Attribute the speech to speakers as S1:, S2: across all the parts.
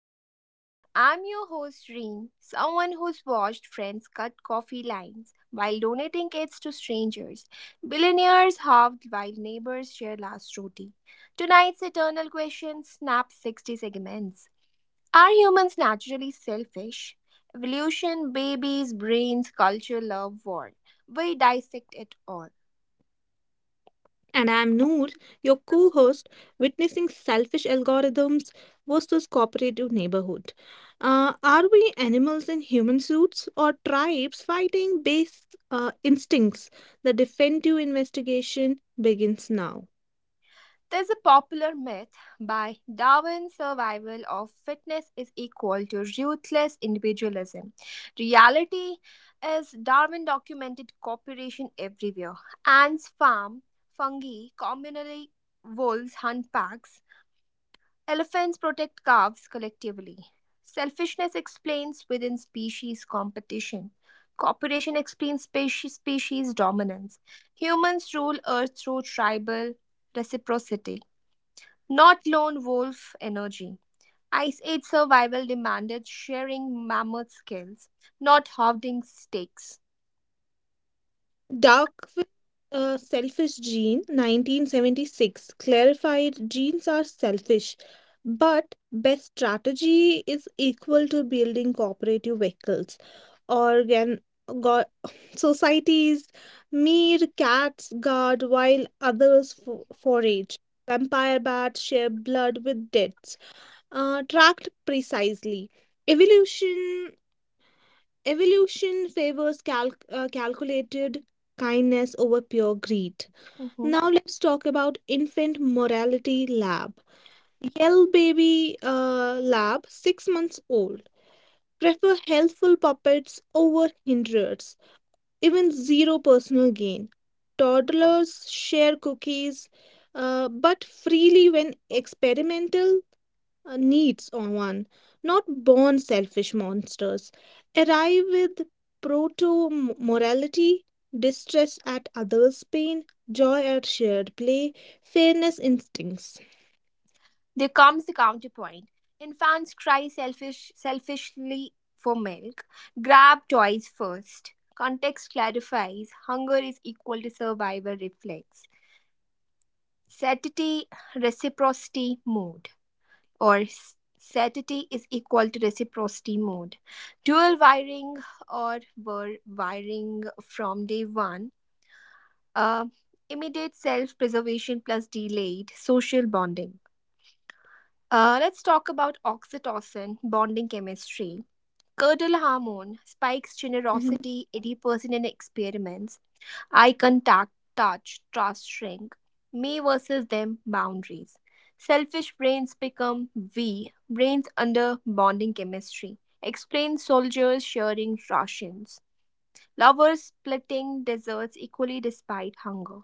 S1: Theory Talks. I'm your host, Reen, someone who's watched friends cut coffee lines while donating kids to strangers, billionaires halved while neighbors share last roti. Tonight's eternal question snaps 60 segments. Are humans naturally selfish? Evolution, babies, brains, culture, love, war. We dissect it all.
S2: And I'm Noor, your co host, witnessing selfish algorithms versus cooperative neighborhood. Are we animals in human suits or tribes fighting base instincts? The defensive investigation begins now.
S1: There's a popular myth by Darwin's survival of fitness is equal to ruthless individualism. Reality is Darwin documented cooperation everywhere. Ants farm, fungi communally, wolves hunt packs, elephants protect calves collectively. Selfishness explains within species competition. Cooperation explains species dominance. Humans rule Earth through tribal reciprocity. Not lone wolf energy. Ice Age survival demanded sharing mammoth skills, not hoarding stakes.
S2: Dark. A selfish gene, 1976, clarified genes are selfish, but best strategy is equal to building cooperative vehicles. Organ go- societies, mere cats guard while others forage. Vampire bats share blood with deaths, tracked precisely. Evolution evolution favors calculated kindness over pure greed.
S1: Mhm.
S2: Now let's talk about infant morality lab. Yell baby lab, six months old. Prefer helpful puppets over hindrers, even zero personal gain. Toddlers share cookies, but freely when experimental needs on one, not born selfish monsters, arrive with proto morality, distress at others' pain, joy at shared play, fairness instincts.
S1: There comes the counterpoint. Infants cry selfishly for milk. Grab toys first. Context clarifies hunger is equal to survival reflex. Satiety, reciprocity, mode. Or satiety is equal to reciprocity mode. Dual wiring or were wiring from day one. Uh, Immediate self preservation plus delayed social bonding. Let's talk about oxytocin, bonding chemistry. Curdle
S2: Mhm.
S1: hormone spikes generosity 80% in experiments. Eye contact, touch, trust shrink. Me versus them boundaries. Selfish brains become we, brains under bonding chemistry. Explain soldiers sharing rations. Lovers splitting desserts equally despite hunger.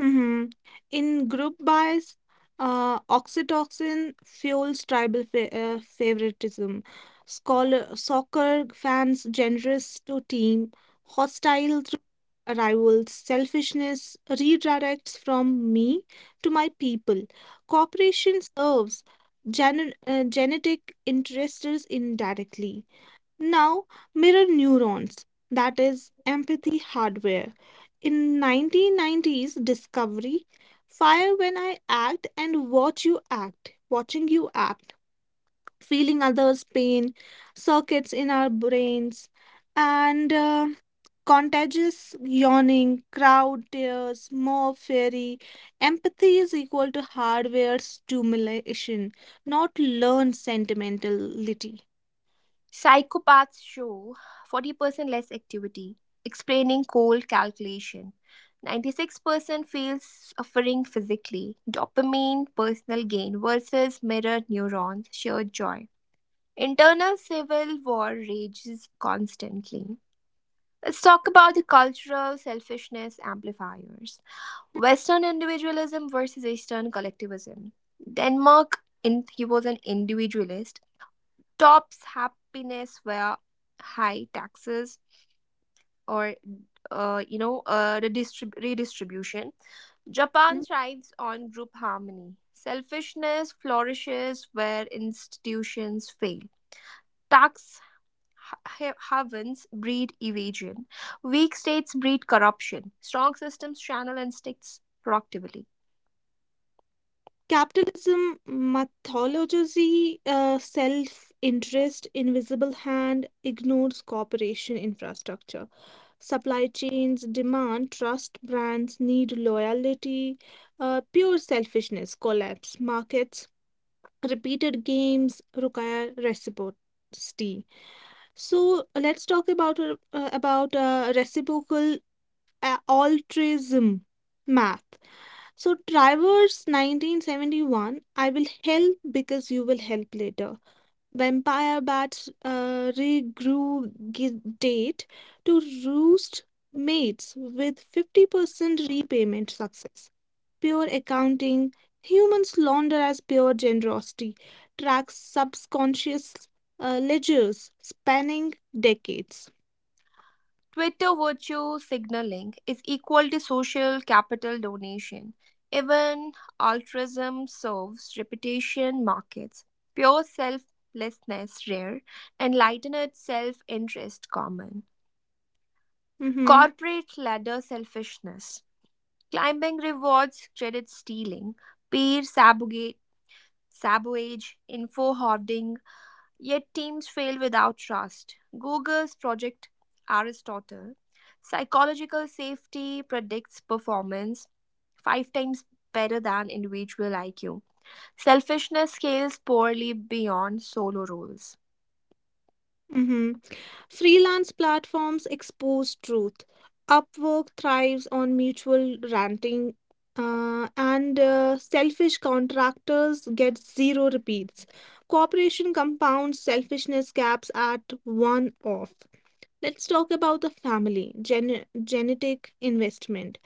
S2: Mhm. In group bias, oxytocin fuels tribal favoritism. Scholar soccer fans generous to team, hostile to rivals, selfishness redirects from me to my people. Cooperation serves genetic interests indirectly. Now, mirror neurons, that is empathy hardware. In 1990s discovery, fire when I act and watch you act, watching you act, feeling others' pain, circuits in our brains, and contagious yawning, crowd tears, more fairy. Empathy is equal to hardware stimulation, not learned sentimentality.
S1: Psychopaths show 40% less activity, explaining cold calculation. 96% feels suffering physically. Dopamine, personal gain versus mirror neurons, shared joy. Internal civil war rages constantly. Let's talk about the cultural selfishness amplifiers. Western individualism versus Eastern collectivism. Denmark in, he was an individualist. Top's happiness were high taxes or redistribution. Japan
S2: Hmm?
S1: thrives on group harmony. Selfishness flourishes where institutions fail. Tax havens breed evasion. Weak states breed corruption. Strong systems channel instincts productively.
S2: Capitalism mythologizes self-interest, invisible hand ignores cooperation infrastructure. Supply chains demand trust, brands need loyalty, pure selfishness, collapse. Markets, repeated games require reciprocity. So let's talk about reciprocal altruism math. So, Travers 1971, I will help because you will help later. Vampire bats regurgitate to roost mates with 50% repayment success. Pure accounting, humans launder as pure generosity, tracks subconscious ledgers spanning decades.
S1: Twitter virtue signaling is equal to social capital donation. Even altruism serves reputation markets. Pure selflessness rare, enlightened self-interest common.
S2: Mm-hmm.
S1: Corporate ladder selfishness. Climbing rewards credit stealing, peer sabotage, info hoarding. Yet teams fail without trust. Google's Project Aristotle, psychological safety predicts performance five times better than individual IQ. Selfishness scales poorly beyond solo roles.
S2: Mm-hmm. Freelance platforms expose truth. Upwork thrives on mutual ranting, and selfish contractors get zero repeats. Corporation compounds selfishness gaps at one off. Let's talk about the family, genetic investment.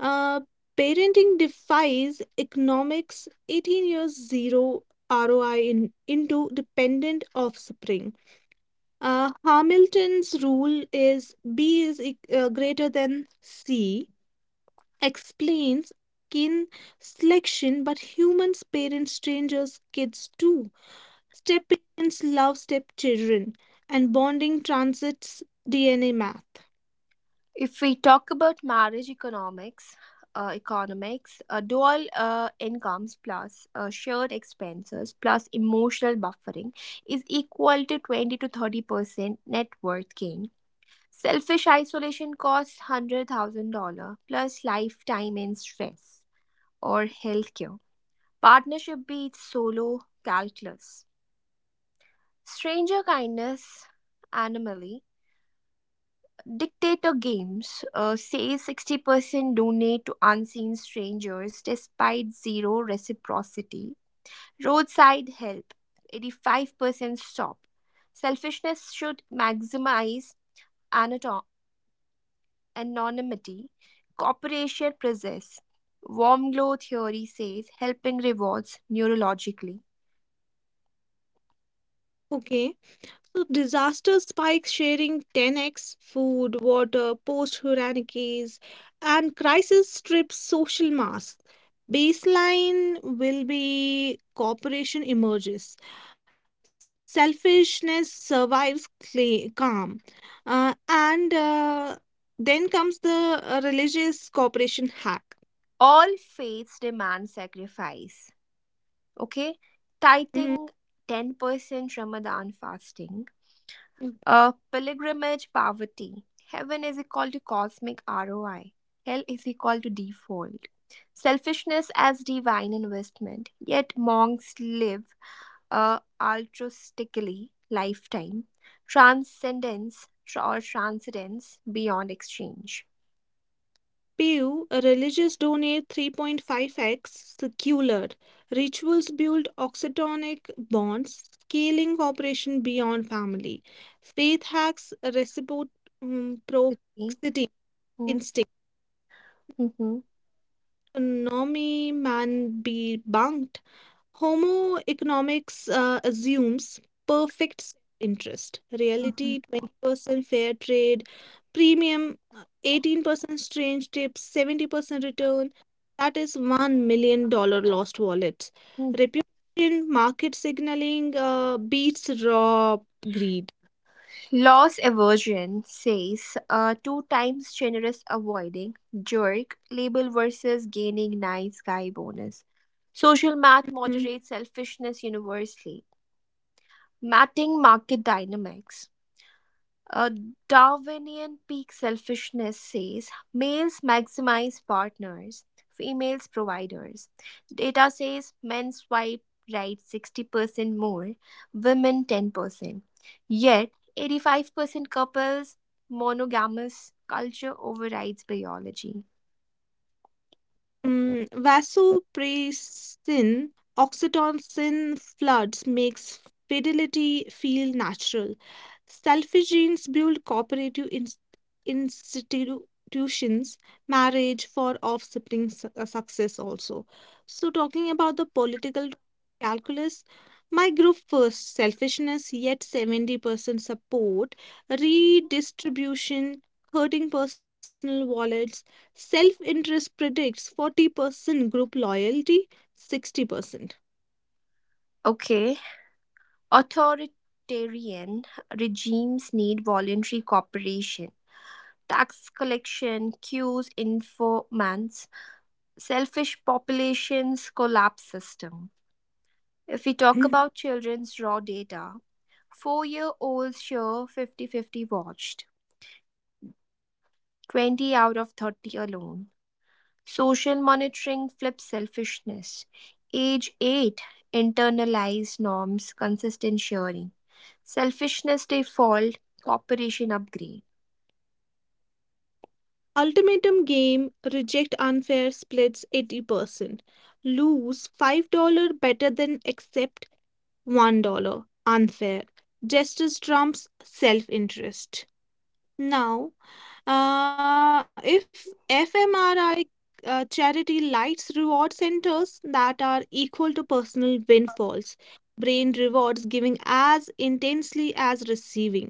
S2: Uh, parenting defies economics 18 years zero ROI in, into dependent offspring. Hamilton's rule is B is greater than C, explains kin selection, but humans parent strangers kids too. Step parents love stepchildren, and bonding transits DNA math.
S1: If we talk about marriage economics, dual incomes plus shared expenses plus emotional buffering is equal to 20 to 30% net worth gain. Selfish isolation costs $100,000 plus lifetime in stress or healthcare. Partnership beats solo calculus. Stranger kindness anomaly. Dictator Games says 60% donate to unseen strangers despite zero reciprocity. Roadside help, 85% stop. Selfishness should maximize anato- anonymity. Cooperation possess. Warm glow theory says helping rewards neurologically.
S2: Okay, so disaster spikes sharing 10x food, water, post hurricanes, and crisis strips social mass. Baseline will be cooperation emerges, selfishness survives calm. And Then comes the religious cooperation hack.
S1: All faiths demand sacrifice. Okay? Tithing
S2: Mm-hmm.
S1: 10%, Ramadan fasting, a pilgrimage poverty. Heaven is equal to cosmic ROI. Hell is equal to default. Selfishness as divine investment. Yet monks live a altruistically lifetime. Transcendence tra- or transcendence beyond exchange.
S2: Pew, religious donate 3.5x, secular, rituals build oxytonic bonds, scaling cooperation beyond family. Faith hacks reciprocity
S1: Okay.
S2: instinct.
S1: Mm-hmm.
S2: Nomi man be bunked. Homo economics assumes perfect interest, reality 20% fair trade, premium 18% strange tips, 70% return. That is $1 million dollar lost wallet. Reputation, market signaling beats raw greed.
S1: Loss aversion says a two times generous avoiding jerk label versus gaining nice guy bonus. Social
S2: Hmm.
S1: math moderates selfishness universally. Matting market dynamics. A Darwinian peak selfishness says males maximize partners, females providers. Data says men swipe right 60% more, women 10%. Yet, 85% couples monogamous culture overrides biology.
S2: Mm, vasopressin, oxytocin floods makes fidelity feel natural. Selfiegenes build cooperative institutions, marriage for offspring success also. So talking about the political calculus, my group first, selfishness yet 70% support, redistribution, hurting personal wallets. Self interest predicts 40%, group loyalty 60%.
S1: Okay, authoritarian regimes need voluntary cooperation. Tax collection, cues, informants, selfish populations collapse system. If we talk
S2: Mhm.
S1: about children's raw data, 4-year olds share 50-50 watched, 20 out of 30 alone. Social monitoring flips selfishness. Age 8 internalized norms, consistent sharing. Selfishness default, cooperation upgrade.
S2: Ultimatum game reject unfair splits 80%. Lose $5 better than accept $1 unfair. Justice trumps self interest. Now, if FMRI charity lights reward centers that are equal to personal windfalls, brain rewards giving as intensely as receiving.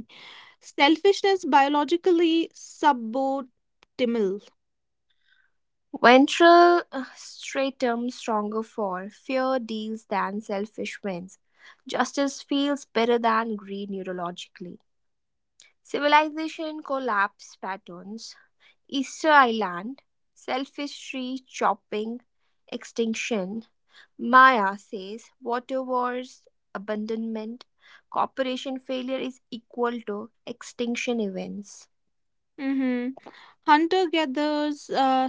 S2: Selfishness biologically suboptimal.
S1: Ventral stratum stronger for fear deals than selfish wins. Justice feels better than greed neurologically. Civilization collapse patterns, Easter Island, selfish tree chopping, extinction, Maya says water wars, abandonment, corporation failure is equal to extinction events.
S2: Hmm. Hunter gatherers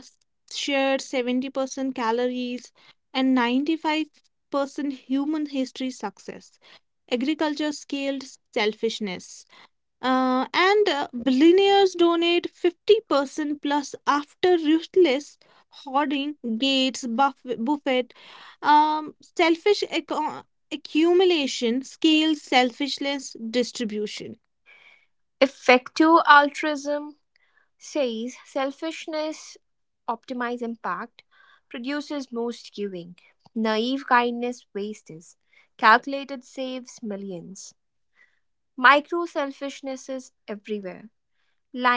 S2: share 70% calories and 95% human history success. Agriculture scaled selfishness. And Billionaires donate 50% plus after ruthless hoarding gates buffet selfish accumulation, scale, selfishness, distribution.
S1: Effective altruism says selfishness optimizes impact, produces most giving. Naive kindness wastes. Calculated saves millions. Micro selfishness is everywhere: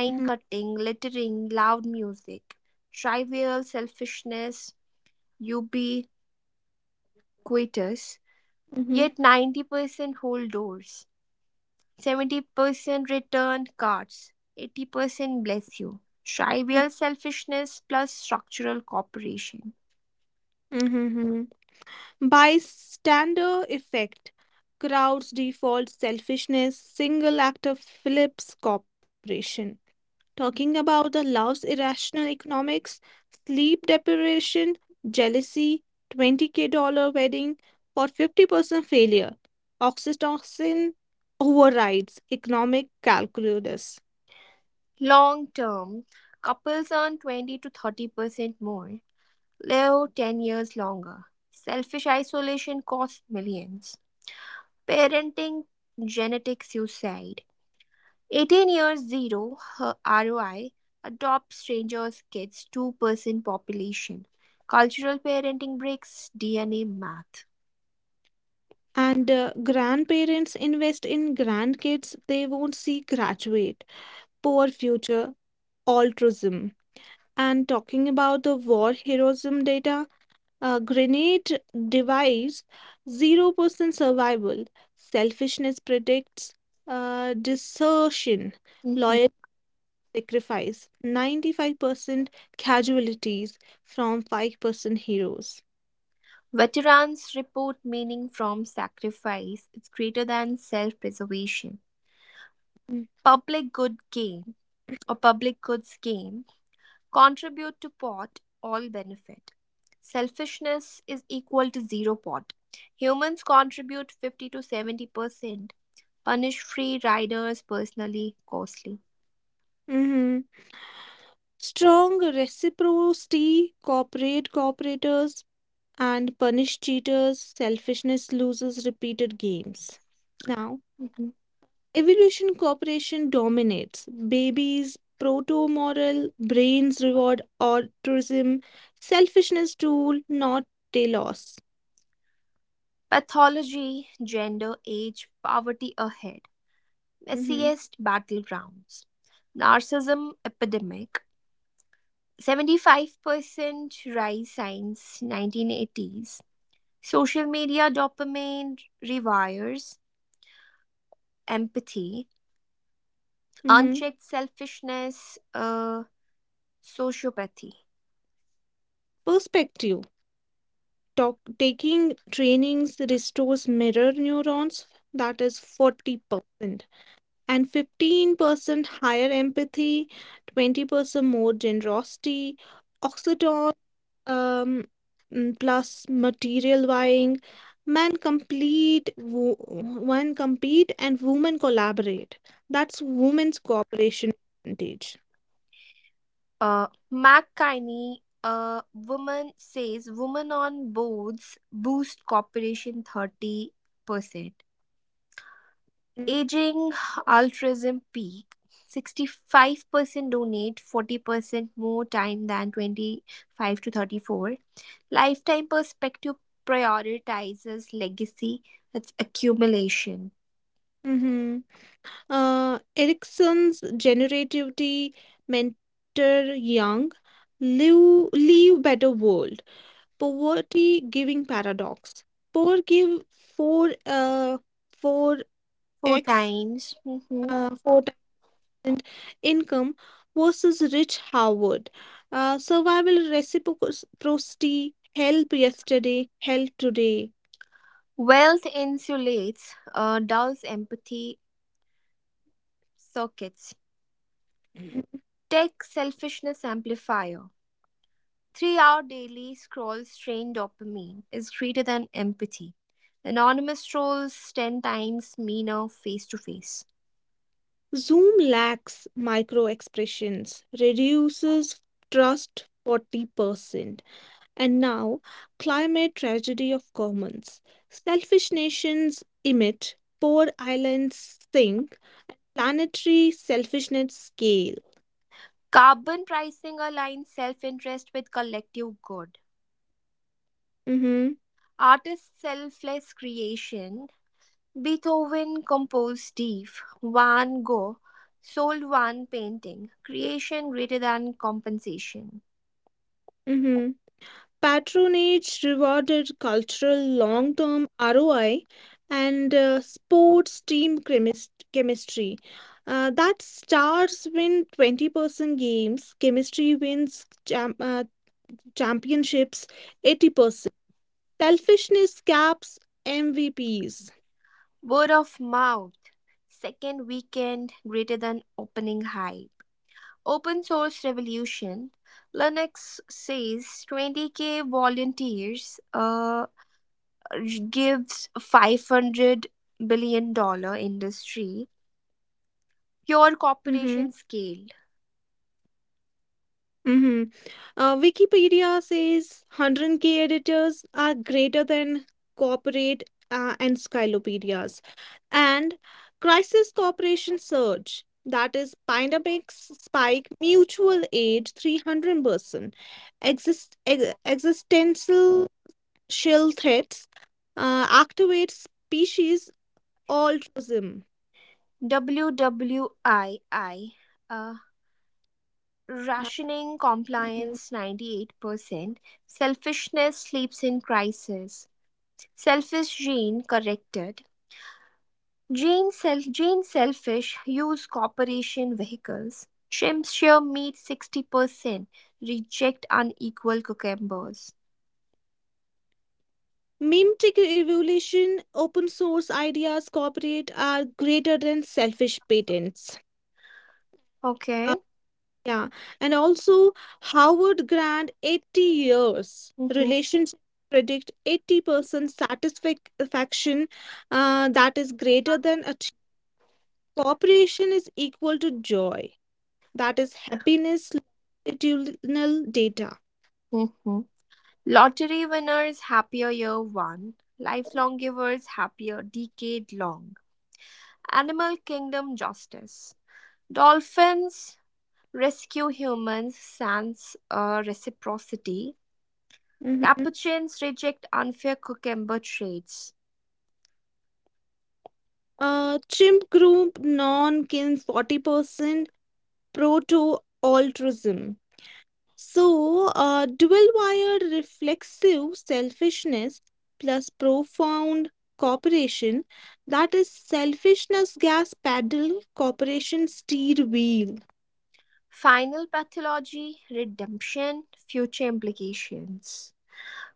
S2: Mm-hmm,
S1: cutting, littering, loud music, trivial selfishness, ubiquitous.
S2: mm-hmm,
S1: Yet 90% hold doors, 70% return cards, 80% bless you.
S2: mm-hmm,
S1: Trivial selfishness plus structural cooperation.
S2: mm-hmm, mm-hmm. Bystander effect, crowds default selfishness, single actor Phillips Corporation. Talking about the love's irrational economics, sleep deprivation, jealousy, 20K dollar wedding for 50% failure, oxytocin overrides economic calculus.
S1: Long term, couples earn 20 to 30% more, live 10 years longer. Selfish isolation costs millions. Parenting genetic suicide. 18 years zero her ROI, adopt strangers' kids 2% population. Cultural parenting breaks DNA math.
S2: And Grandparents invest in grandkids they won't see graduate, poor future altruism. And talking about the war heroism data, grenade device 0% survival, selfishness predicts desertion.
S1: Mhm.
S2: Loyalty sacrifice, 95% casualties from 5% heroes.
S1: Veterans report meaning from sacrifice. It's greater than self preservation. Public good game or public goods game. Contribute to pot, all benefit. Selfishness is equal to zero pot. Humans contribute 50 to 70%. Punish free riders personally, costly.
S2: Mm-hmm. Strong reciprocity, cooperate cooperators, and punish cheaters, selfishness loses repeated games. Now,
S1: Mhm.
S2: evolution cooperation dominates. Babies, proto moral, brains reward altruism, selfishness tool, not telos.
S1: Pathology, gender, age, poverty ahead.
S2: Mm-hmm.
S1: Messiest battlegrounds. Narcissism epidemic. 75% rise since 1980s. Social media dopamine rewires empathy.
S2: Mm-hmm.
S1: Unchecked selfishness, sociopathy.
S2: Perspective. Talk, taking trainings restores mirror neurons, that is 40%, and 15% higher empathy, 20% more generosity. Oxytocin um plus material buying men complete wo men compete and women collaborate, that's women's cooperation advantage.
S1: Uh, McKinney, a woman says women on boards boost corporation 30%. Aging altruism peak. 65% donate 40% more time than 25 to 34. Lifetime perspective prioritizes legacy, that's accumulation.
S2: Mm-hmm. Erickson's generativity mentor Young live leave better world, poverty giving paradox, poor give four uh four
S1: Four
S2: x,
S1: times. Mhm.
S2: four income versus rich Howard. Survival reciprocity, help yesterday, help today.
S1: Wealth insulates, dulls empathy circuits.
S2: Mhm.
S1: Tech selfishness amplifier. Three-hour daily scroll strain dopamine is greater than empathy. Anonymous trolls ten times meaner face-to-face.
S2: Zoom lacks micro expressions, reduces trust 40%. And now, climate tragedy of commons. Selfish nations emit, poor islands sink, planetary selfishness scale.
S1: Carbon pricing aligns self-interest with collective good.
S2: Mm-hmm.
S1: Artist selfless creation. Beethoven composed deep. Van Gogh sold one painting. Creation greater than compensation.
S2: Mm-hmm. Patronage rewarded cultural long term ROI and sports team chemistry. That stars win 20% games, chemistry wins championships 80%. Selfishness caps MVPs.
S1: Word of mouth. Second weekend greater than opening high. Open source revolution. Linux says 20K volunteers gives $500 billion industry. Pure
S2: Mm-hmm.
S1: corporation scale.
S2: Mm-hmm. Wikipedia says 100K editors are greater than corporate encyclopedias. And Crisis Corporation surge, that is pandemic spike, mutual aid 300%, existential shell threats, activate species altruism.
S1: WWII. Uh, Rationing compliance 98%. Selfishness sleeps in crisis. Selfish gene corrected. Jane Selfish use corporation vehicles. Trims sheer meat 60%. Reject unequal cucumbers.
S2: Meme tech evolution, open source ideas, corporate are greater than selfish patents. Uh,
S1: Okay.
S2: yeah, and also Howard Grant, 80 years
S1: Mm-hmm.
S2: relationships predict 80% satisfaction that is greater than a cooperation is equal to joy, that is happiness longitudinal data.
S1: Mm-hmm. Lottery winners happier year one. Lifelong givers happier decade long. Animal kingdom justice. Dolphins rescue humans sans reciprocity.
S2: Mhm.
S1: Capuchins reject unfair cucumber trades.
S2: Chimp group non kin 40% proto altruism. So, dual wired reflexive selfishness plus profound cooperation, that is selfishness gas pedal, cooperation steer wheel.
S1: Final pathology, redemption, future implications.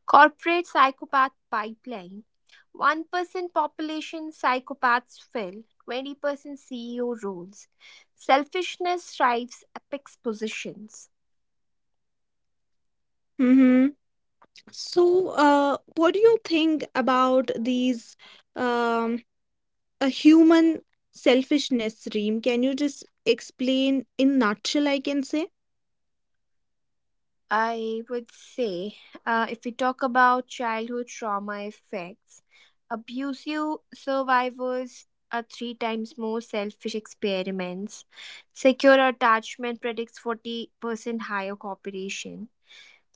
S1: Corporate psychopath pipeline: 1% population psychopaths fill 20% CEO roles. Selfishness drives apex positions.
S2: Hmm. So, what do you think about these? Um, a human selfishness, Reem. Can you just explain in nutshell? I can say.
S1: I would say, if we talk about childhood trauma effects, abusive survivors are three times more selfish experiments. Secure attachment predicts 40% higher cooperation.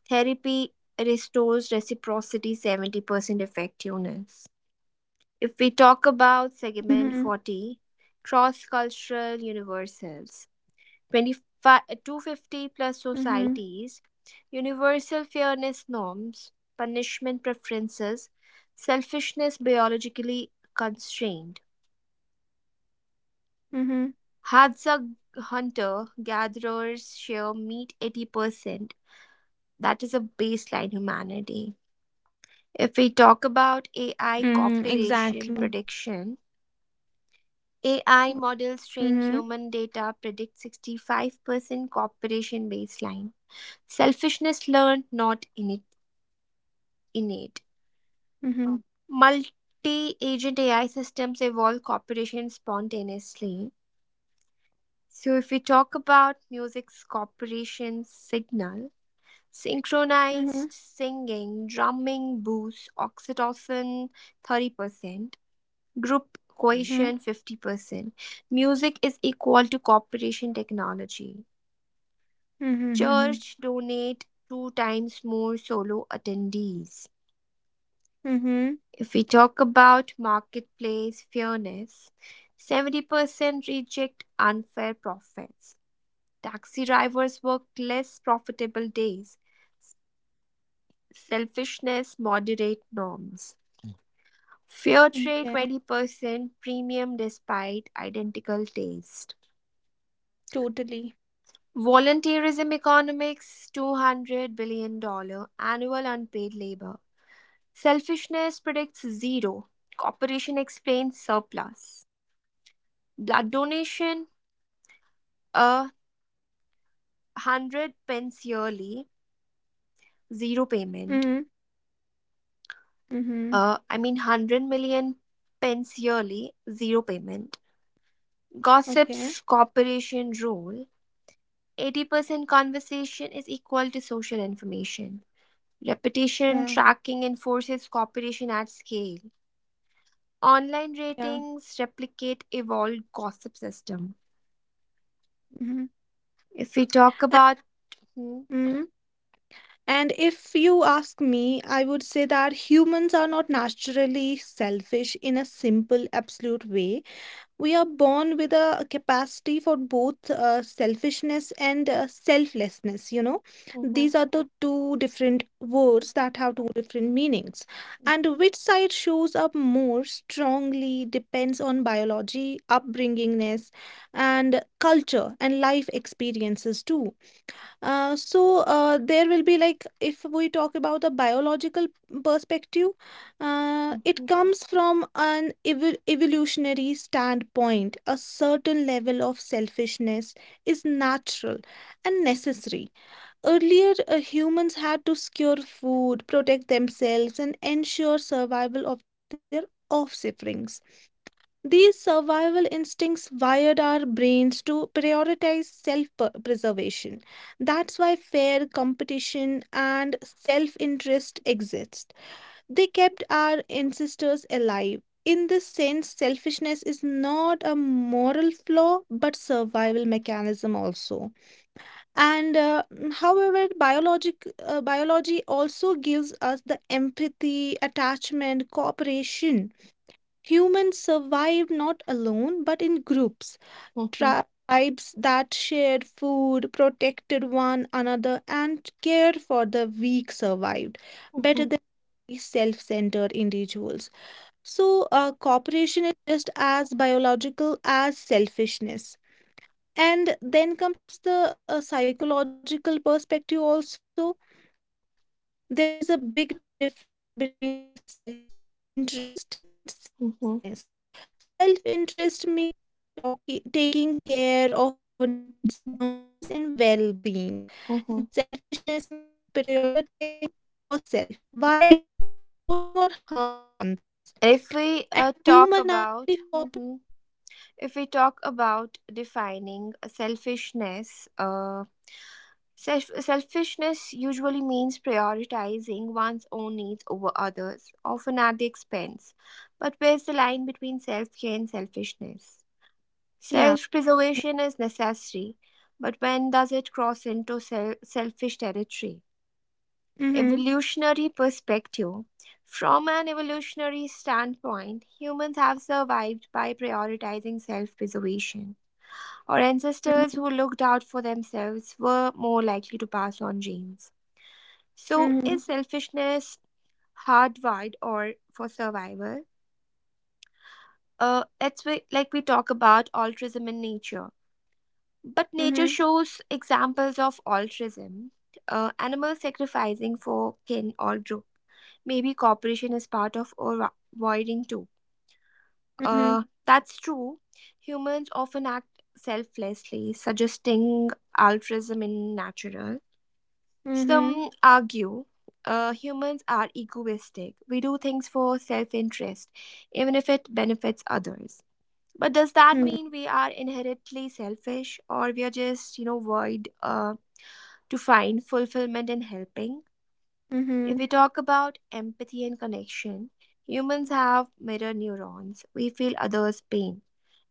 S1: Therapy restores reciprocity 70% effectiveness.
S2: Mm-hmm.
S1: If we talk about segment 40, cross cultural universals
S2: Mm-hmm.
S1: 25, 250 plus societies, universal fairness norms, punishment preferences, selfishness biologically constrained.
S2: Mm-hmm.
S1: Hadza hunter gatherers share meat 80%. That is a baseline humanity. If
S2: Mm-hmm.
S1: we talk
S2: Exactly.
S1: about AI cooperation prediction,
S2: Mhm.
S1: AI models train human data predict 65% cooperation baseline. Selfishness learned, not innate.
S2: Oh. Mhm.
S1: Multi-agent AI systems evolve cooperation spontaneously. So if we talk about music's cooperation signal,
S2: Mhm.
S1: synchronized singing, drumming boosts oxytocin 30%, group
S2: Mm. Mhm.
S1: cohesion 50%. Music is equal to cooperation technology.
S2: Mhm. Mhm.
S1: Church donate two times more solo attendees.
S2: Mhm. Mhm.
S1: If we talk about marketplace fairness, 70% reject unfair profits. Taxi drivers work less profitable days. Selfishness moderate norms. Fair
S2: Okay,
S1: trade 20% premium despite identical taste.
S2: totally.
S1: Volunteerism economics $200 billion dollars annual unpaid labor. Selfishness predicts zero. Cooperation explains surplus. Blood donation, a hundred pence yearly,
S2: Mhm.
S1: zero payment.
S2: Mhm.
S1: I mean, 100 million pence yearly, zero payment.
S2: Okay.
S1: Gossip's cooperation rule 80% conversation is equal to social information.
S2: Yeah,
S1: Repetition tracking enforces cooperation at scale. Online
S2: yeah.
S1: ratings replicate evolved gossip system.
S2: Mhm.
S1: If we talk
S2: A-
S1: about Hmm.
S2: mhm. And if you ask me, I would say that humans are not naturally selfish in a simple, absolute way. We are born with a capacity for both selfishness and selflessness, you know.
S1: Mhm.
S2: These are the two different words that have two different meanings. And which side shows up more strongly depends on biology, upbringingness, and culture and life experiences too. There will be like if we talk about a biological perspective, it
S1: Mhm.
S2: comes from an evolutionary standpoint. A certain level of selfishness is natural and necessary. Earlier, humans had to secure food, protect themselves, and ensure survival of their offspring. These survival instincts wired our brains to prioritize self preservation. That's why fair competition and self interest exist. They kept our ancestors alive. In this sense, selfishness is not a moral flaw but survival mechanism also. And however, biologic biology also gives us the empathy, attachment, cooperation. Humans survived not alone but in groups,
S1: Mhm.
S2: tribes that shared food, protected one another, and cared for the weak survived
S1: Mhm.
S2: better than self centered individuals. So, cooperation is just as biological as selfishness. And then comes the psychological perspective also. There's a big difference between the self interest and selfishness. Self interest
S1: Hmm.
S2: means taking care of your needs, boundaries, and well being, and selfishness means
S1: hmm
S2: prioritizing yourself while ignoring or harming others. And human naturally
S1: If
S2: cooperate.
S1: we uh, talk about Mhm. If we talk about defining selfishness, selfishness usually means prioritizing one's own needs over others, often at the expense. But where's the line between self care and selfishness?
S2: Yeah.
S1: Self preservation is necessary, but when does it cross into selfish territory?
S2: Mm-hmm.
S1: Evolutionary perspective. From an evolutionary standpoint, humans have survived by prioritizing self preservation. Our ancestors who looked out for themselves were more likely to pass on genes.
S2: Mm-hmm.
S1: So, is selfishness hardwired or for survival? That's why, like we talk about altruism in nature. But
S2: Mm-hmm.
S1: nature shows examples of altruism. Animals sacrificing for kin or group. Maybe cooperation is part of avoiding too.
S2: Mm-hmm.
S1: That's true. Humans often act selflessly, suggesting altruism in natural.
S2: Mm-hmm.
S1: Some argue humans are egoistic. We do things for self interest, even if it benefits others. But does
S2: Mm-hmm. Mm-hmm.
S1: that mean we are inherently selfish or we are just, you know, void to find fulfillment in helping?
S2: Mm-hmm.
S1: If we talk about empathy and connection, humans have mirror neurons. We feel others' pain.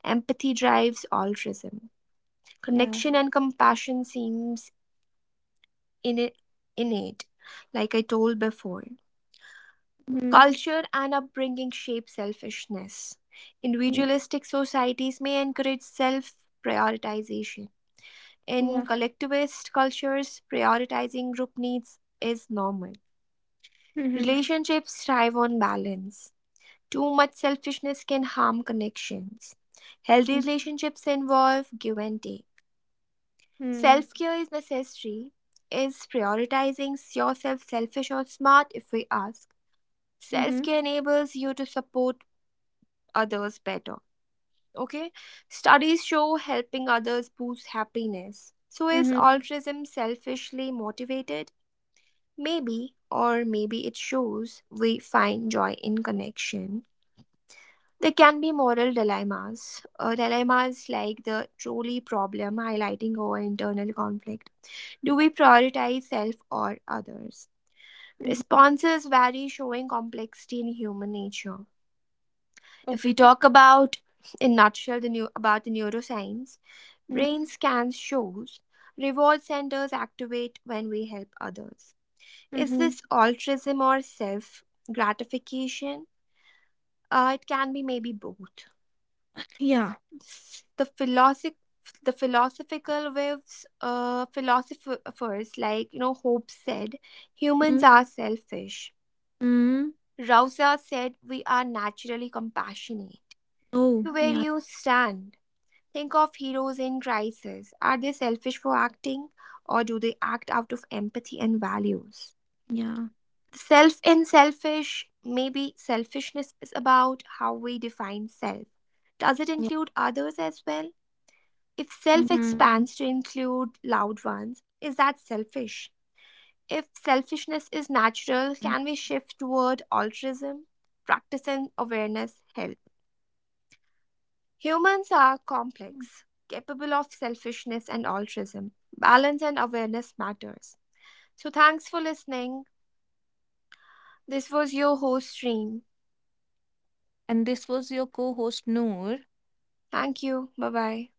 S1: Empathy drives altruism.
S2: Yeah.
S1: Connection and compassion seems in- innate, like I told before.
S2: Mm-hmm.
S1: Culture and upbringing shape selfishness.
S2: Mm-hmm.
S1: Individualistic societies may encourage self prioritization. In
S2: Yeah.
S1: collectivist cultures, prioritizing group needs is normal.
S2: Mm-hmm.
S1: Relationships thrive on balance. Too much selfishness can harm connections. Healthy
S2: Mm-hmm.
S1: relationships involve give and take.
S2: Mm-hmm.
S1: Self care is necessary. Is prioritizing yourself selfish or smart if we ask? Self
S2: Mm-hmm.
S1: care enables you to support others better. Okay, studies show helping others boosts happiness. So, is
S2: Mm-hmm.
S1: altruism selfishly motivated? Maybe, or maybe it shows we find joy in connection. There can be moral dilemmas like the trolley problem highlighting our internal conflict. Do we prioritize self or others?
S2: Mm-hmm.
S1: Responses vary, showing complexity in human nature.
S2: Oh.
S1: If we talk about in nutshell the new about the neuroscience,
S2: Mm-hmm.
S1: brain scans shows reward centers activate when we help others. Is
S2: Mm-hmm.
S1: this altruism or self gratification? It can be maybe both.
S2: Yeah.
S1: The philosoph the philosophical waves philosophers like Hope said humans are selfish.
S2: Mm-hmm.
S1: Rausa said we are naturally compassionate.
S2: Oh,
S1: Where do
S2: yeah.
S1: you stand? Think of heroes in crisis. Are they selfish for acting or do they act out of empathy and values?
S2: Yeah.
S1: Self in selfish, maybe selfishness is about how we define self. Does it
S2: Yeah.
S1: include others as well? If
S2: Mm-hmm.
S1: self expands to include loved ones, is that selfish? If
S2: Mm-hmm.
S1: selfishness is natural, can we shift toward altruism? Practice and awareness help. Humans are complex, capable of selfishness and altruism. Balance and awareness matters. So thanks for listening. This was your host stream.
S2: And this was your co-host Noor.
S1: Thank you. Bye bye.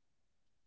S2: Bye bye.